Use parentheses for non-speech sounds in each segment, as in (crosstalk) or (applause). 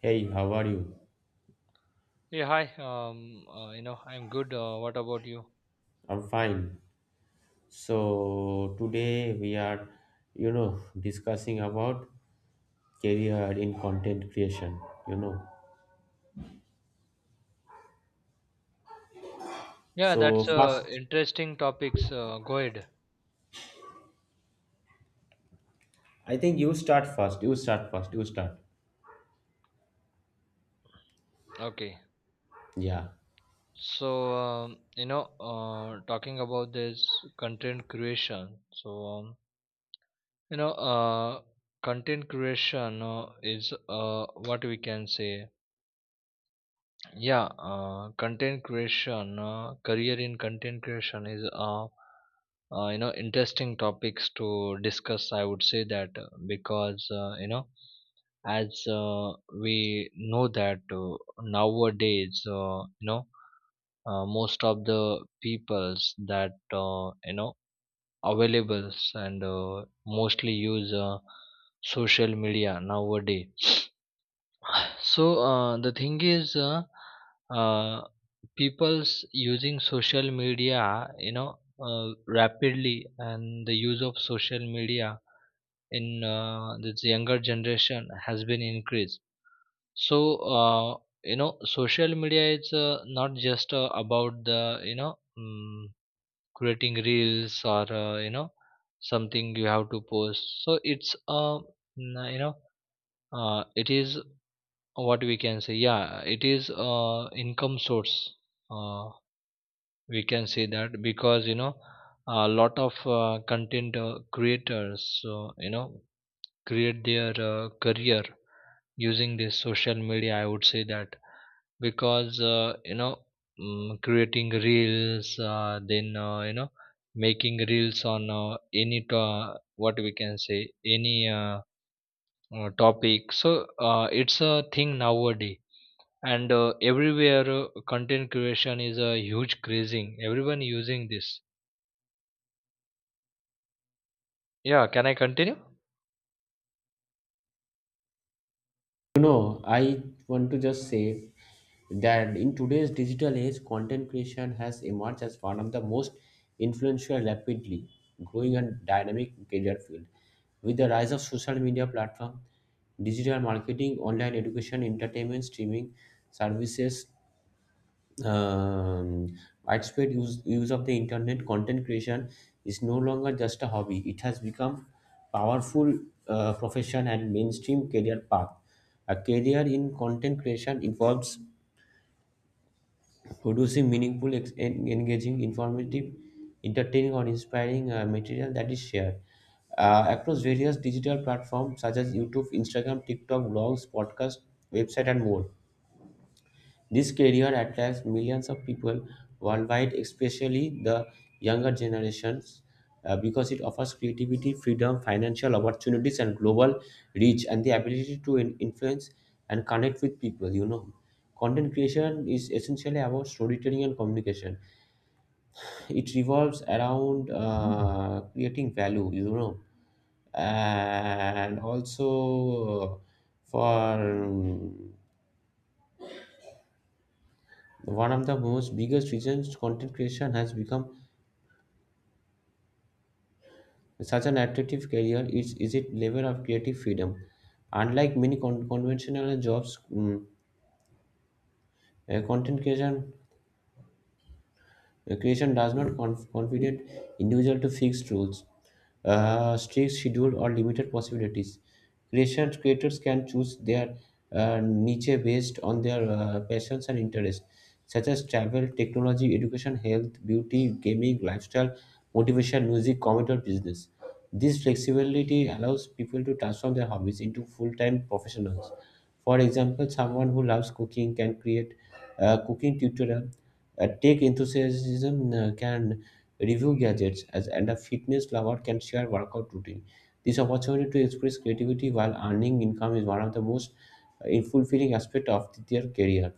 Hey, how are you? Yeah, hi. I'm good. What about you? I'm fine. So today we are discussing about career in content creation, you know. Yeah, So that's first, interesting topics. Go ahead. I think you start first. You start first. You start. Okay. Yeah. So, Talking about this content creation. You know, uh, Content creation is what we can say. Yeah, Content creation, career in content creation is interesting topics to discuss. I would say that because you know as we know that nowadays, most of the peoples that availables and mostly use social media nowadays. So the thing is uh, people's using social media, rapidly, and the use of social media in this younger generation has been increased. So, uh, Social media is not just about creating reels or, something you have to post. So it's, mm, you know, it is what we can say. Yeah, it is income source. Uh, we can say that because, you know, a lot of content creators, create their career using this social media. I would say that because creating reels, then you know making reels on any to- what we can say any topic. So it's a thing nowadays, and everywhere content creation is a huge crazing, everyone using this. Yeah, can I continue? I want to just say that in today's digital age, content creation has emerged as one of the most influential, rapidly growing and dynamic career field. With the rise of social media platform, digital marketing, online education, entertainment, streaming services, um, widespread use of the internet. Content creation is no longer just a hobby. It has become powerful profession and mainstream career path. A career in content creation involves producing meaningful engaging, informative, entertaining, or inspiring material that is shared across various digital platforms such as YouTube, Instagram, TikTok, blogs, podcasts, website, and more. This career attracts millions of people worldwide, especially the younger generations, because it offers creativity, freedom, financial opportunities, and global reach, and the ability to influence and connect with people. Content creation is essentially about storytelling and communication. It revolves around creating value. You know, and also for One of the most biggest reasons content creation has become such an attractive career is its level of creative freedom. Unlike many conventional jobs, content creation Recreation does not confidate individual to fixed rules, strict schedule, or limited possibilities. Creation creators can choose their niche based on their passions and interests, such as travel, technology, education, health, beauty, gaming, lifestyle, motivation, music, comedy, or business. This flexibility allows people to transform their hobbies into full time professionals. For example, someone who loves cooking can create a cooking tutorial, a tech enthusiasm can review gadgets, as, and a fitness lover can share workout routine. This opportunity to express creativity while earning income is one of the most fulfilling aspects of their career.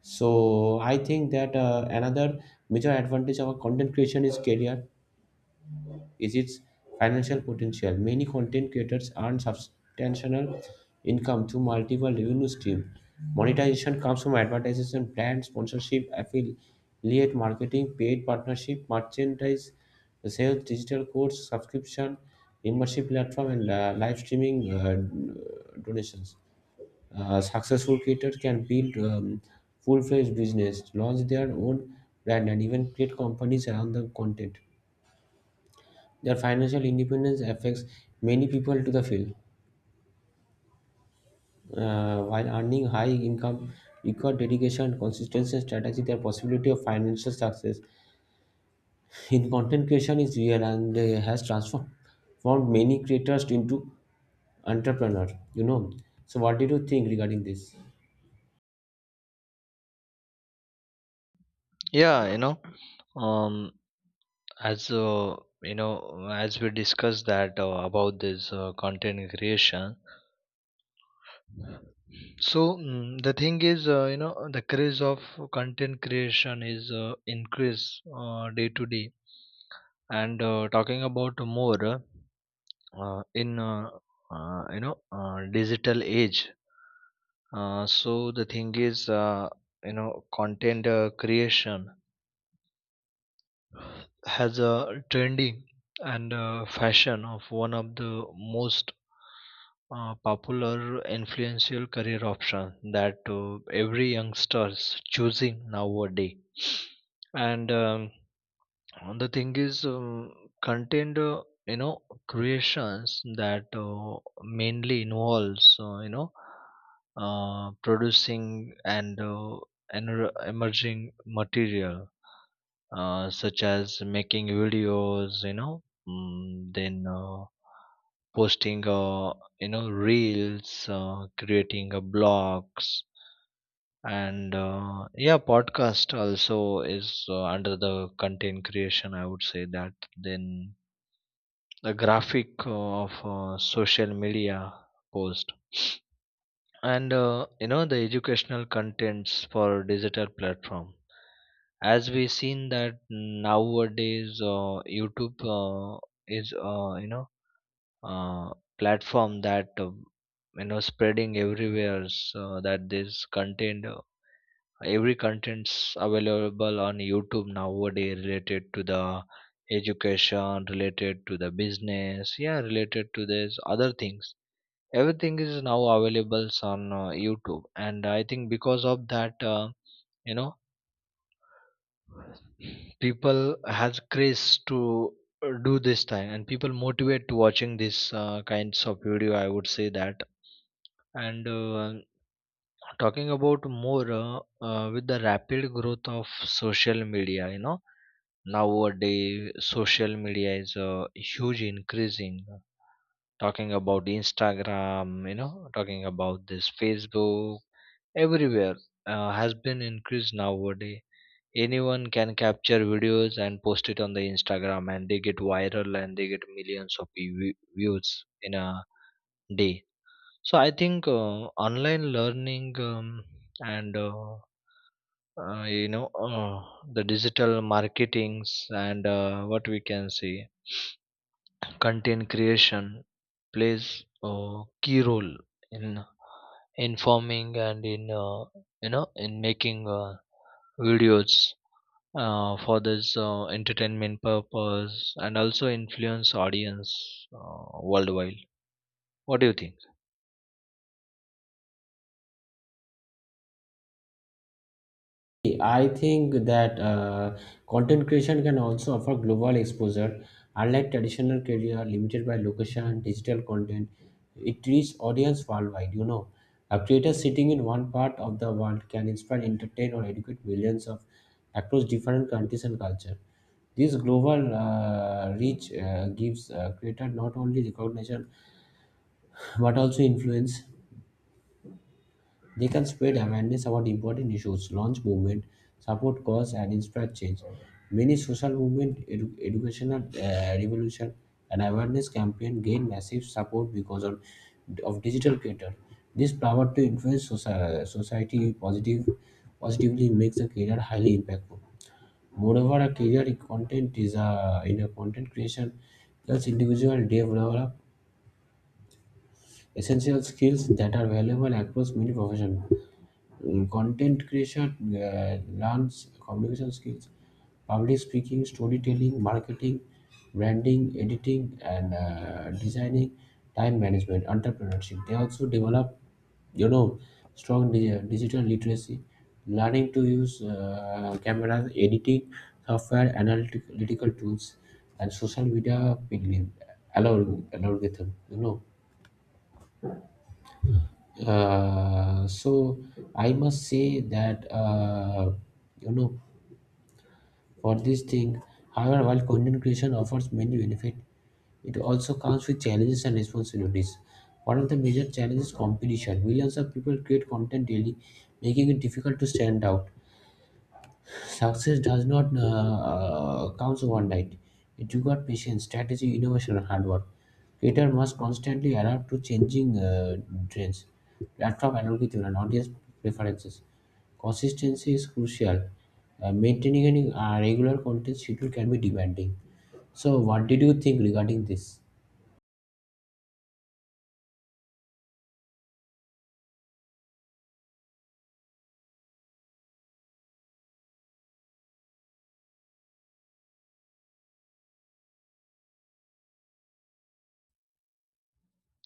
So I think that another major advantage of content creation is career is its financial potential. Many content creators earn substantial income through multiple revenue streams. Monetization comes from advertising, brand sponsorship, affiliate marketing, paid partnership, merchandise sales, digital course, subscription, membership platform, and live streaming donations. Successful creators can build full-fledged business, launch their own brand, and even create companies around the content. Their financial independence affects many people to the field. While earning high income require dedication consistency and strategy, their possibility of financial success in content creation is real and has transformed formed many creators into entrepreneur. You know. So, what did you think regarding this? Yeah you know um as you know As we discussed that about this content creation. So mm, the thing is, the craze of content creation is increase day to day. And talking about more in you know digital age. So the thing is, content creation has a trending and fashion of one of the most popular influential career option that every youngsters choosing nowadays. And the thing is content, creations that mainly involves, producing and emerging material, such as making videos, you know, mm, then posting, reels, creating blogs, and yeah, podcast also is under the content creation, I would say that. Then the graphic of social media post, and the educational contents for digital platform. As we seen that nowadays, YouTube is you know uh, platform that spreading everywhere, so that this content, every contents available on YouTube nowadays, related to the education, related to the business, yeah, related to this other things. Everything is now available on YouTube, and I think because of that, you know people has craze to do this thing, and people motivate to watching this kinds of video, I would say that. And talking about more, with the rapid growth of social media, you know, nowadays social media is huge increasing. Talking about Instagram, you know, talking about this Facebook, everywhere has been increased nowadays. Anyone can capture videos and post it on the Instagram, and they get viral, and they get millions of views in a day. So I think online learning, and you know the digital marketings, and what we can say, content creation plays a key role in in forming and in in making videos for this entertainment purpose, and also influence audience uh, worldwide. What do you think? I think that content creation can also offer global exposure. Unlike traditional career limited by location and digital content, it reaches audience worldwide. A creator sitting in one part of the world can inspire, entertain, or educate millions of across different countries and culture. This global reach gives creator not only recognition but also influence. They can spread awareness about important issues, launch movement, support cause, and inspire change. Many social movement, educational revolution, and awareness campaign gain massive support because of digital creator. This power to influence society positively makes a career highly impactful. Moreover, a career in content is a, in a content creation helps individual develop essential skills that are valuable across many professions. Content creation learns communication skills, public speaking, storytelling, marketing, branding, editing, and designing, time management, entrepreneurship. They also develop you know strong digital literacy, learning to use cameras, editing software, analytical tools, and social media algorithm. So I must say that you know for this thing, however, while content creation offers many benefits, it also comes with challenges and responsibilities. One of the major challenges is competition. Millions of people create content daily, making it difficult to stand out. Success does not come overnight. It requires patience, strategy, innovation, and hard work. Creator must constantly adapt to changing trends, platform algorithm, and audience preferences. Consistency is crucial. Maintaining a regular content schedule can be demanding. So, what did you think regarding this?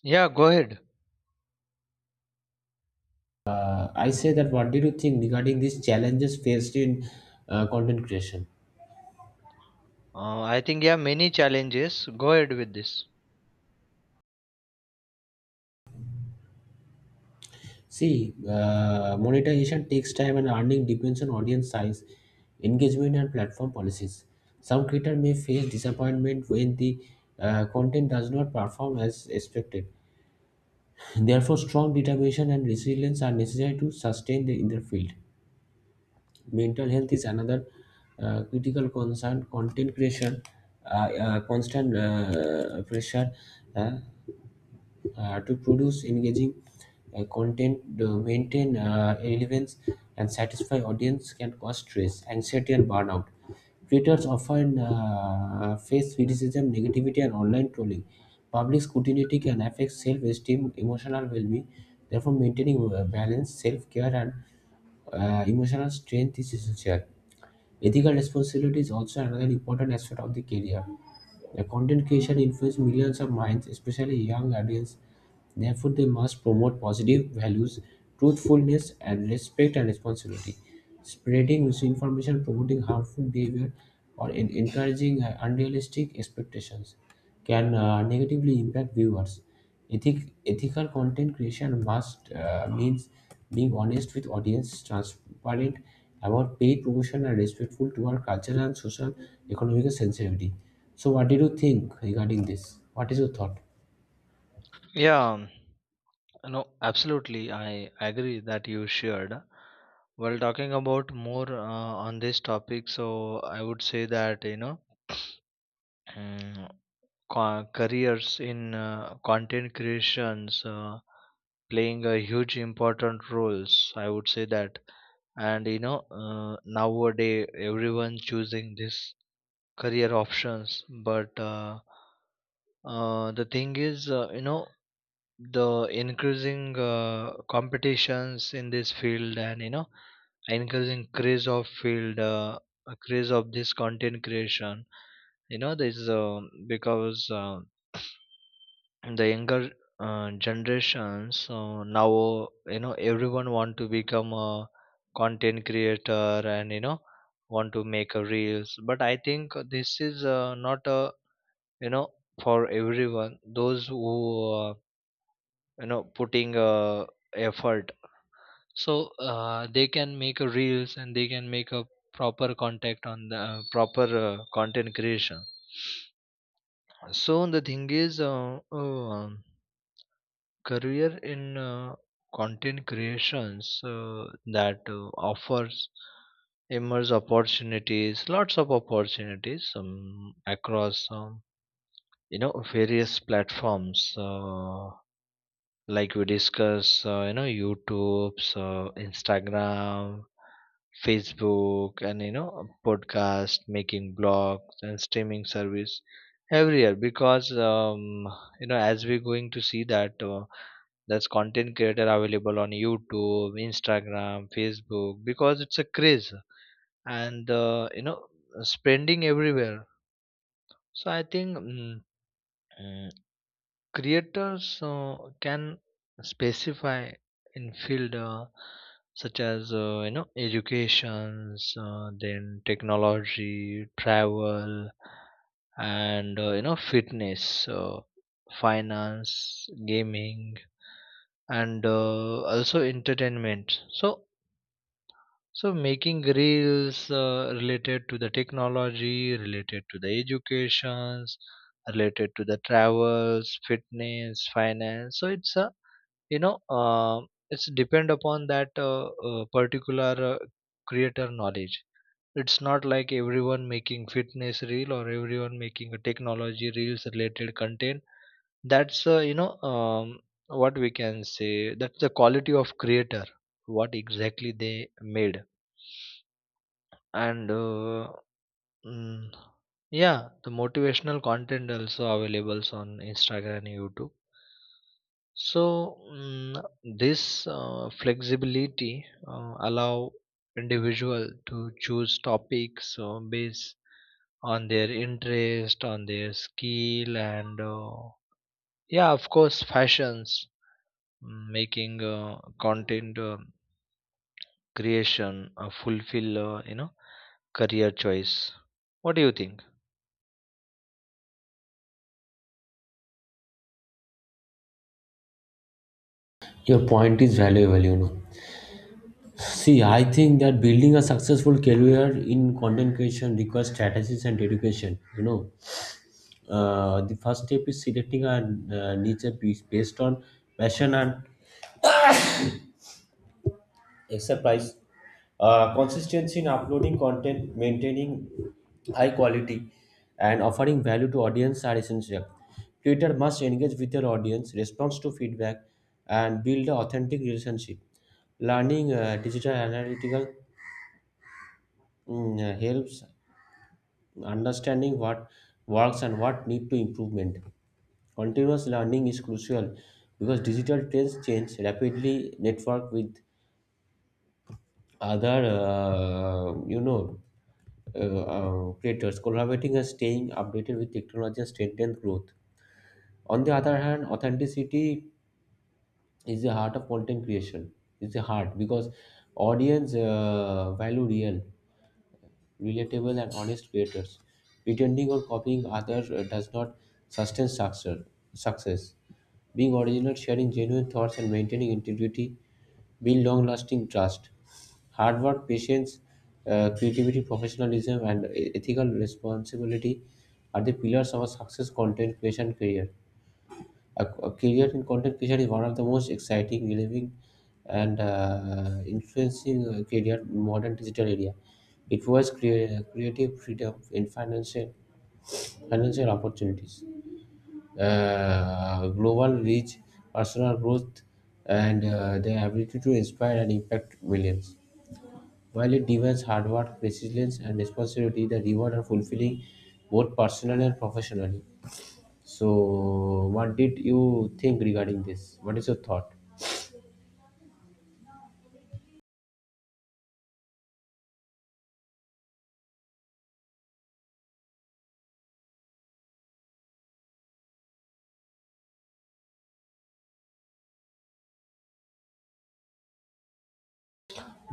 Yeah, go ahead. I say that what did you think regarding these challenges faced in content creation? I think, yeah, many challenges. Go ahead with this. See, monetization takes time and earning depends on audience size, engagement, and platform policies. Some creators may face disappointment when the content does not perform as expected. Therefore, strong determination and resilience are necessary to sustain the, in their field. Mental health is another critical concern. Content creation, constant pressure, uh, to produce engaging content, to maintain relevance, and satisfy audience can cause stress, anxiety, and burnout. Creators often face criticism, negativity, and online trolling. Public scrutiny can affect self-esteem, emotional well-being. Therefore, maintaining balance, self-care, and emotional strength is essential. Ethical responsibility is also another important aspect of the career. The content creation influences millions of minds, especially young audience. Therefore, they must promote positive values, truthfulness, and respect and responsibility. Spreading misinformation, promoting harmful behavior, or encouraging unrealistic expectations can negatively impact viewers. Ethical content creation must means being honest with audience, transparent about paid promotion, are respectful to our cultural and social economic sensitivity. So, what did you think regarding this? What is your thought? Yeah, no, absolutely, I agree that you shared. While talking about more on this topic, so I would say that, you know, Mm, careers in content creations playing a huge important roles, I would say that. And you know, nowadays everyone choosing this career options, but the thing is, the increasing competitions in this field, and you know, increasing craze of field, craze of this content creation, you know this because the younger generations. So now, you know, everyone want to become a content creator, and you know, want to make a reels, but I think this is not a, you know, for everyone. Those who putting effort, so they can make a reels, and they can make a proper contact on the proper content creation. So the thing is, career in content creations that offers immense opportunities, lots of opportunities, across, various platforms, like we discuss, YouTube, Instagram, Facebook, and you know, podcast making, blogs, and streaming service, everywhere. Because, as we're going to see that, that's content creator available on YouTube, Instagram, Facebook, because it's a craze, and spending everywhere. So I think mm, mm, creators can specify in field, such as educations, then technology, travel, and fitness, finance, gaming, and also entertainment. So, so making reels related to the technology, related to the educations, related to the travels, fitness, finance. So it's a, you know uh, it's depend upon that particular creator knowledge. It's not like everyone making fitness reel, or everyone making a technology reels related content. That's what we can say, that's the quality of creator. What exactly they made. And Mm, yeah, the motivational content also available on Instagram and YouTube. So mm, this flexibility allow individual to choose topics based on their interest, on their skill, and yeah, of course, fashions. Mm, making content creation fulfill, career choice. What do you think? Your point is valuable. See, I think that building a successful career in content creation requires strategies and dedication. The first step is selecting a niche based on passion and extra price. Consistency in uploading content, maintaining high quality, and offering value to audience are essential. Creator must engage with their audience, response to feedback, and build an authentic relationship. Learning digital analytical helps understanding what works and what need to improvement. Continuous learning is crucial because digital trends change rapidly. Network with other creators, collaborating and staying updated with technology and strengthen growth. On the other hand, authenticity is the heart of content creation. It's the heart because audience value real, relatable, and honest creators. Pretending or copying others does not sustain success. Being original, sharing genuine thoughts, and maintaining integrity build long lasting trust. Hard work, patience, creativity, professionalism, and ethical responsibility are the pillars of a success content creation career. A career in content creation is one of the most exciting, relevant, and influencing career in modern digital area. It was creative freedom in financial opportunities, global reach, personal growth, and the ability to inspire and impact millions. While it demands hard work, resilience, and responsibility, the reward are fulfilling both personally and professionally. So, what did you think regarding this? What is your thought?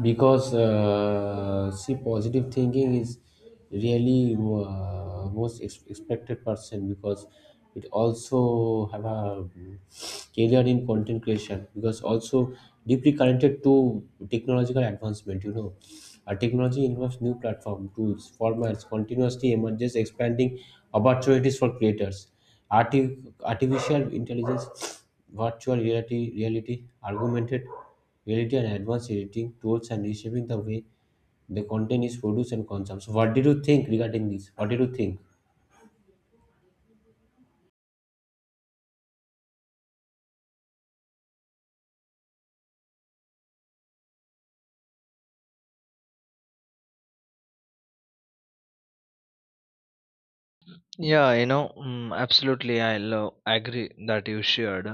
Because see, positive thinking is really most expected person, because it also have a career in content creation, because also deeply connected to technological advancement. Our technology involves new platform tools formats continuously emerges, expanding opportunities for creators. Artificial intelligence, (sniffs) virtual reality, augmented reality, and advanced editing tools and reshaping the way the content is produced and consumed. So what did you think regarding this? What did you think? Absolutely. I'll agree that you shared.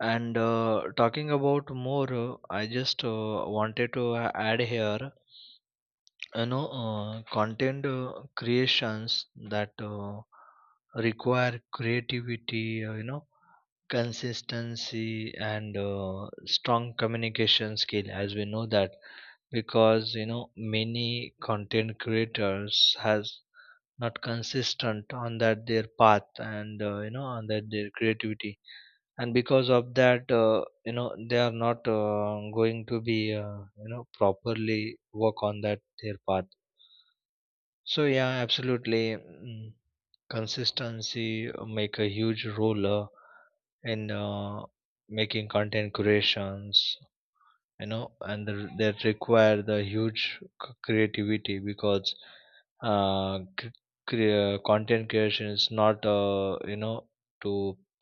And talking about more, I just wanted to add here, you know, content creations that require creativity, consistency, and strong communication skill, as we know that. Because, you know, many content creators has not consistent on that their path, and on that their creativity, and because of that, they are not going to be properly work on that their path. So yeah, absolutely, consistency make a huge role in making content creations, you know. And the, that require the huge creativity, because uh, c- content creation is not to,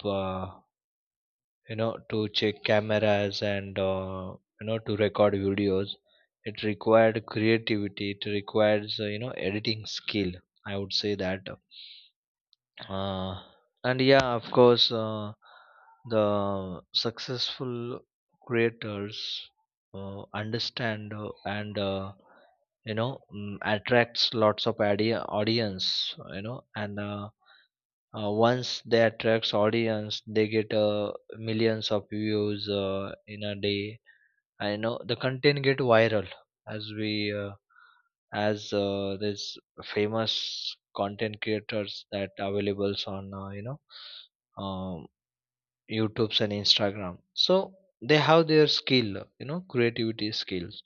uh, to check cameras, and to record videos. It required creativity, it requires editing skill, I would say that. Uh, and yeah, of course, the successful creators understand, and you know mm, attracts lots of idea audience, you know, and once they attracts audience, they get millions of views in a day. I know the content get viral, as we uh, as this famous content creators that availables on, um, YouTube's and Instagram. So they have their skill, you know, creativity skills,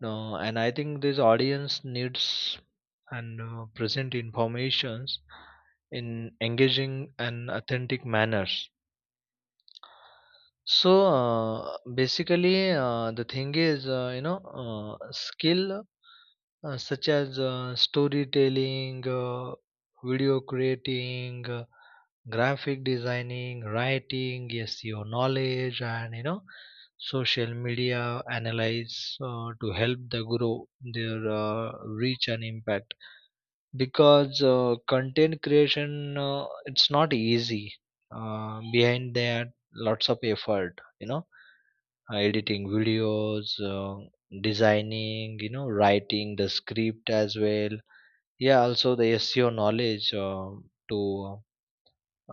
no, and I think this audience needs and present informations in engaging and authentic manners. So, basically, the thing is, skill such as storytelling, video creating, graphic designing, writing, SEO knowledge, and you know, social media analyze to help the grow their reach and impact. Because content creation, it's not easy, behind that lots of effort, you know, editing videos, designing, you know, writing the script as well. Yeah, also the SEO knowledge to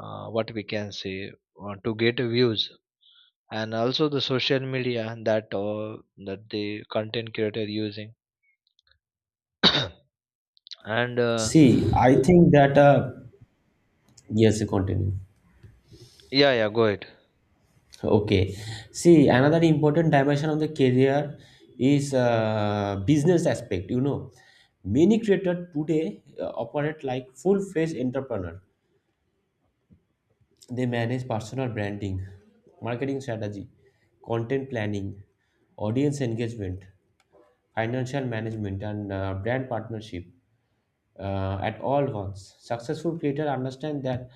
what we can say, to get views, and also the social media that that the content creator using, and See, I think that yes, continue. yeah. Yeah, go ahead. Okay. See, another important dimension of the career is business aspect. Many creators today operate like full-fledged entrepreneur. They manage personal branding, marketing strategy, content planning, audience engagement, financial management, and brand partnership at all once. Successful creators understand that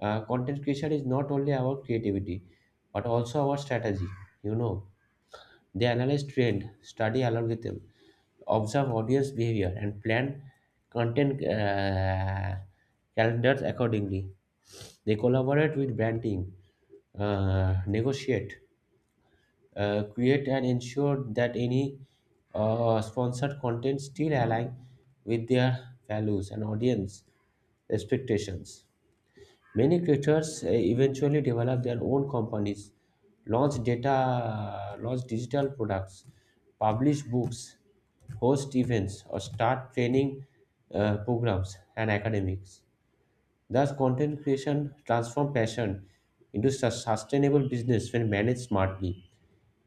content creation is not only about creativity but also our strategy. You know, they analyze trend, study algorithm, observe audience behavior, and plan content calendars accordingly. They collaborate with brand team, negotiate create, and ensure that any sponsored content still align with their values and audience expectations. Many creators eventually develop their own companies, launch data, launch digital products, publish books, host events, or start training programs and academics. Thus, content creation transforms passion into sustainable business when managed smartly.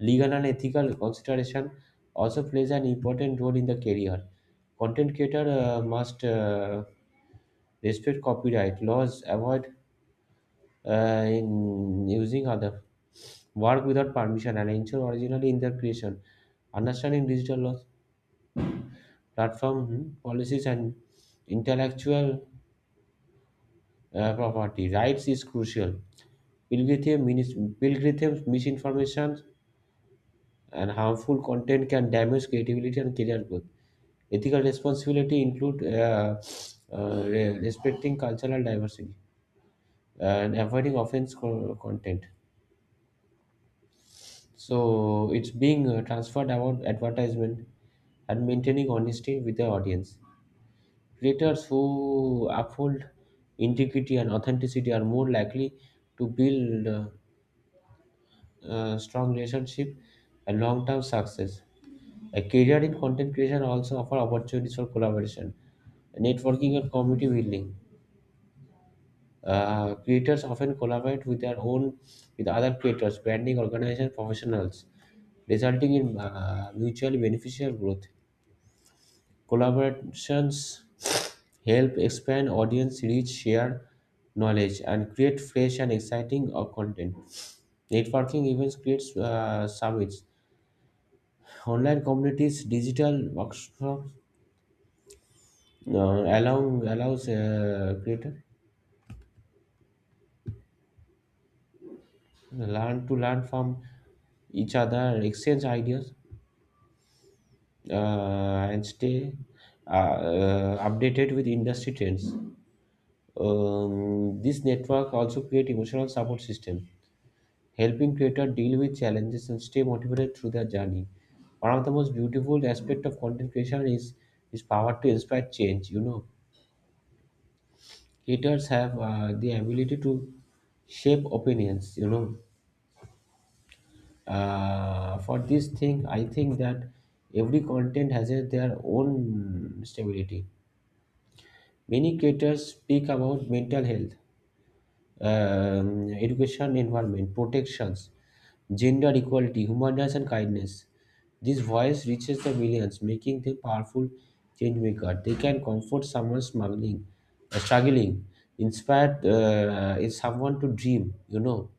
Legal and ethical consideration also plays an important role in the career. Content creator must respect copyright laws, avoid in using other work without permission, and ensure originality in their creation. Understanding digital laws, platform policies, and intellectual property rights is crucial. Pilgrim's misinformation and harmful content can damage creativity and career growth. Ethical responsibility include respecting cultural diversity and avoiding offense co- content. So it's being transferred about advertisement and maintaining honesty with the audience. Creators who uphold integrity and authenticity are more likely to build strong relationship and long-term success. A career in content creation also offer opportunities for collaboration, networking, and community building. Creators often collaborate with their own, with other creators, branding organizations, professionals, resulting in mutually beneficial growth. Collaborations help expand audience reach, share knowledge, and create fresh and exciting content. Networking events creates summits, online communities, digital workshops allow allows creator learn to learn from each other, exchange ideas, and stay uh, updated with industry trends. This network also create emotional support system, helping creator deal with challenges and stay motivated through their journey. One of the most beautiful aspect of content creation is power to inspire change. Creators have the ability to shape opinions. For this thing, I think that every content has their own stability. Many creators speak about mental health, education, environment, protections, gender equality, human rights, and kindness. This voice reaches the millions, making them powerful change maker. They can comfort someone struggling, inspire is someone to dream. You know,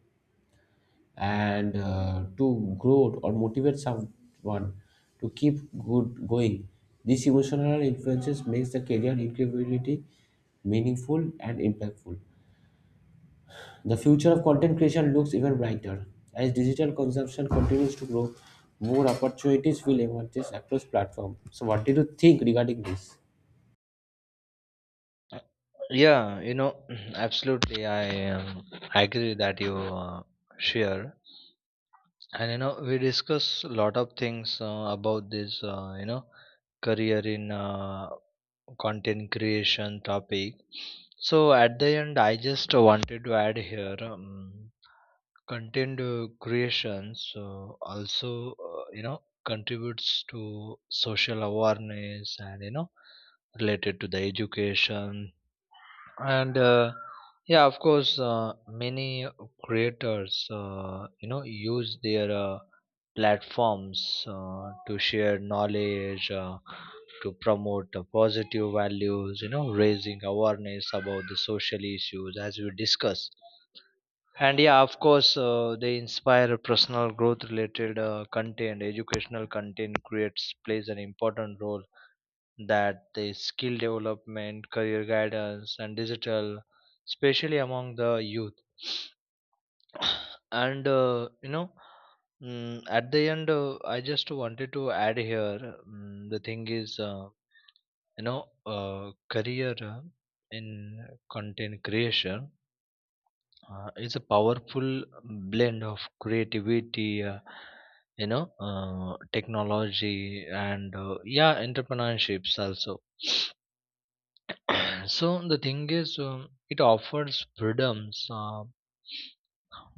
and to grow or motivate someone to keep good going. These emotional influences makes the career incredibly meaningful and impactful. The future of content creation looks even brighter. As digital consumption continues to grow, more opportunities will emerge across platforms. So, what did you think regarding this? Yeah, you know, (clears throat) absolutely. I agree that you share, and you know, we discuss a lot of things about this, career in content creation topic. So at the end, I just wanted to add here, content creation. So also, contributes to social awareness, and you know, related to the education, and yeah, of course, many creators, use their platforms to share knowledge, to promote positive values, you know, raising awareness about the social issues, as we discuss. And yeah, of course, they inspire personal growth related content. Educational content creates plays an important role, that the skill development, career guidance, and digital, especially among the youth. And at the end, I just wanted to add here. Mm the thing is, career in content creation is a powerful blend of creativity, technology, and yeah, entrepreneurships also. So the thing is, it offers freedoms,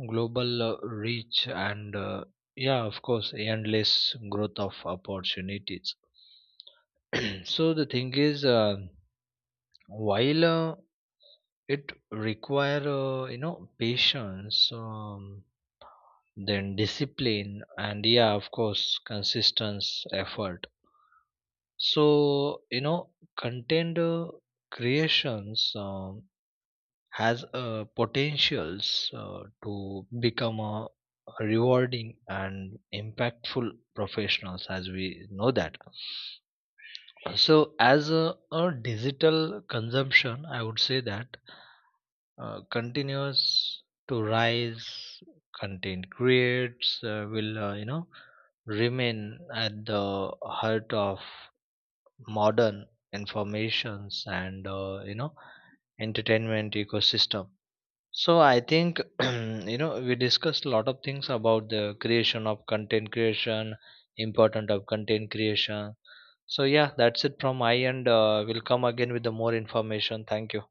global reach, and yeah, of course, endless growth of opportunities. (clears throat) So the thing is, while it require, patience, then discipline, and yeah, of course, consistency, effort. So you know, content creations, has a potentials to become a rewarding and impactful professionals, as we know that. So as a digital consumption, I would say that continues to rise. Content creates will remain at the heart of modern informations and entertainment ecosystem. So I think (clears throat) you know, we discussed a lot of things about the creation of content creation, important of content creation. So yeah, that's it from my end. We'll come again with the more information. Thank you.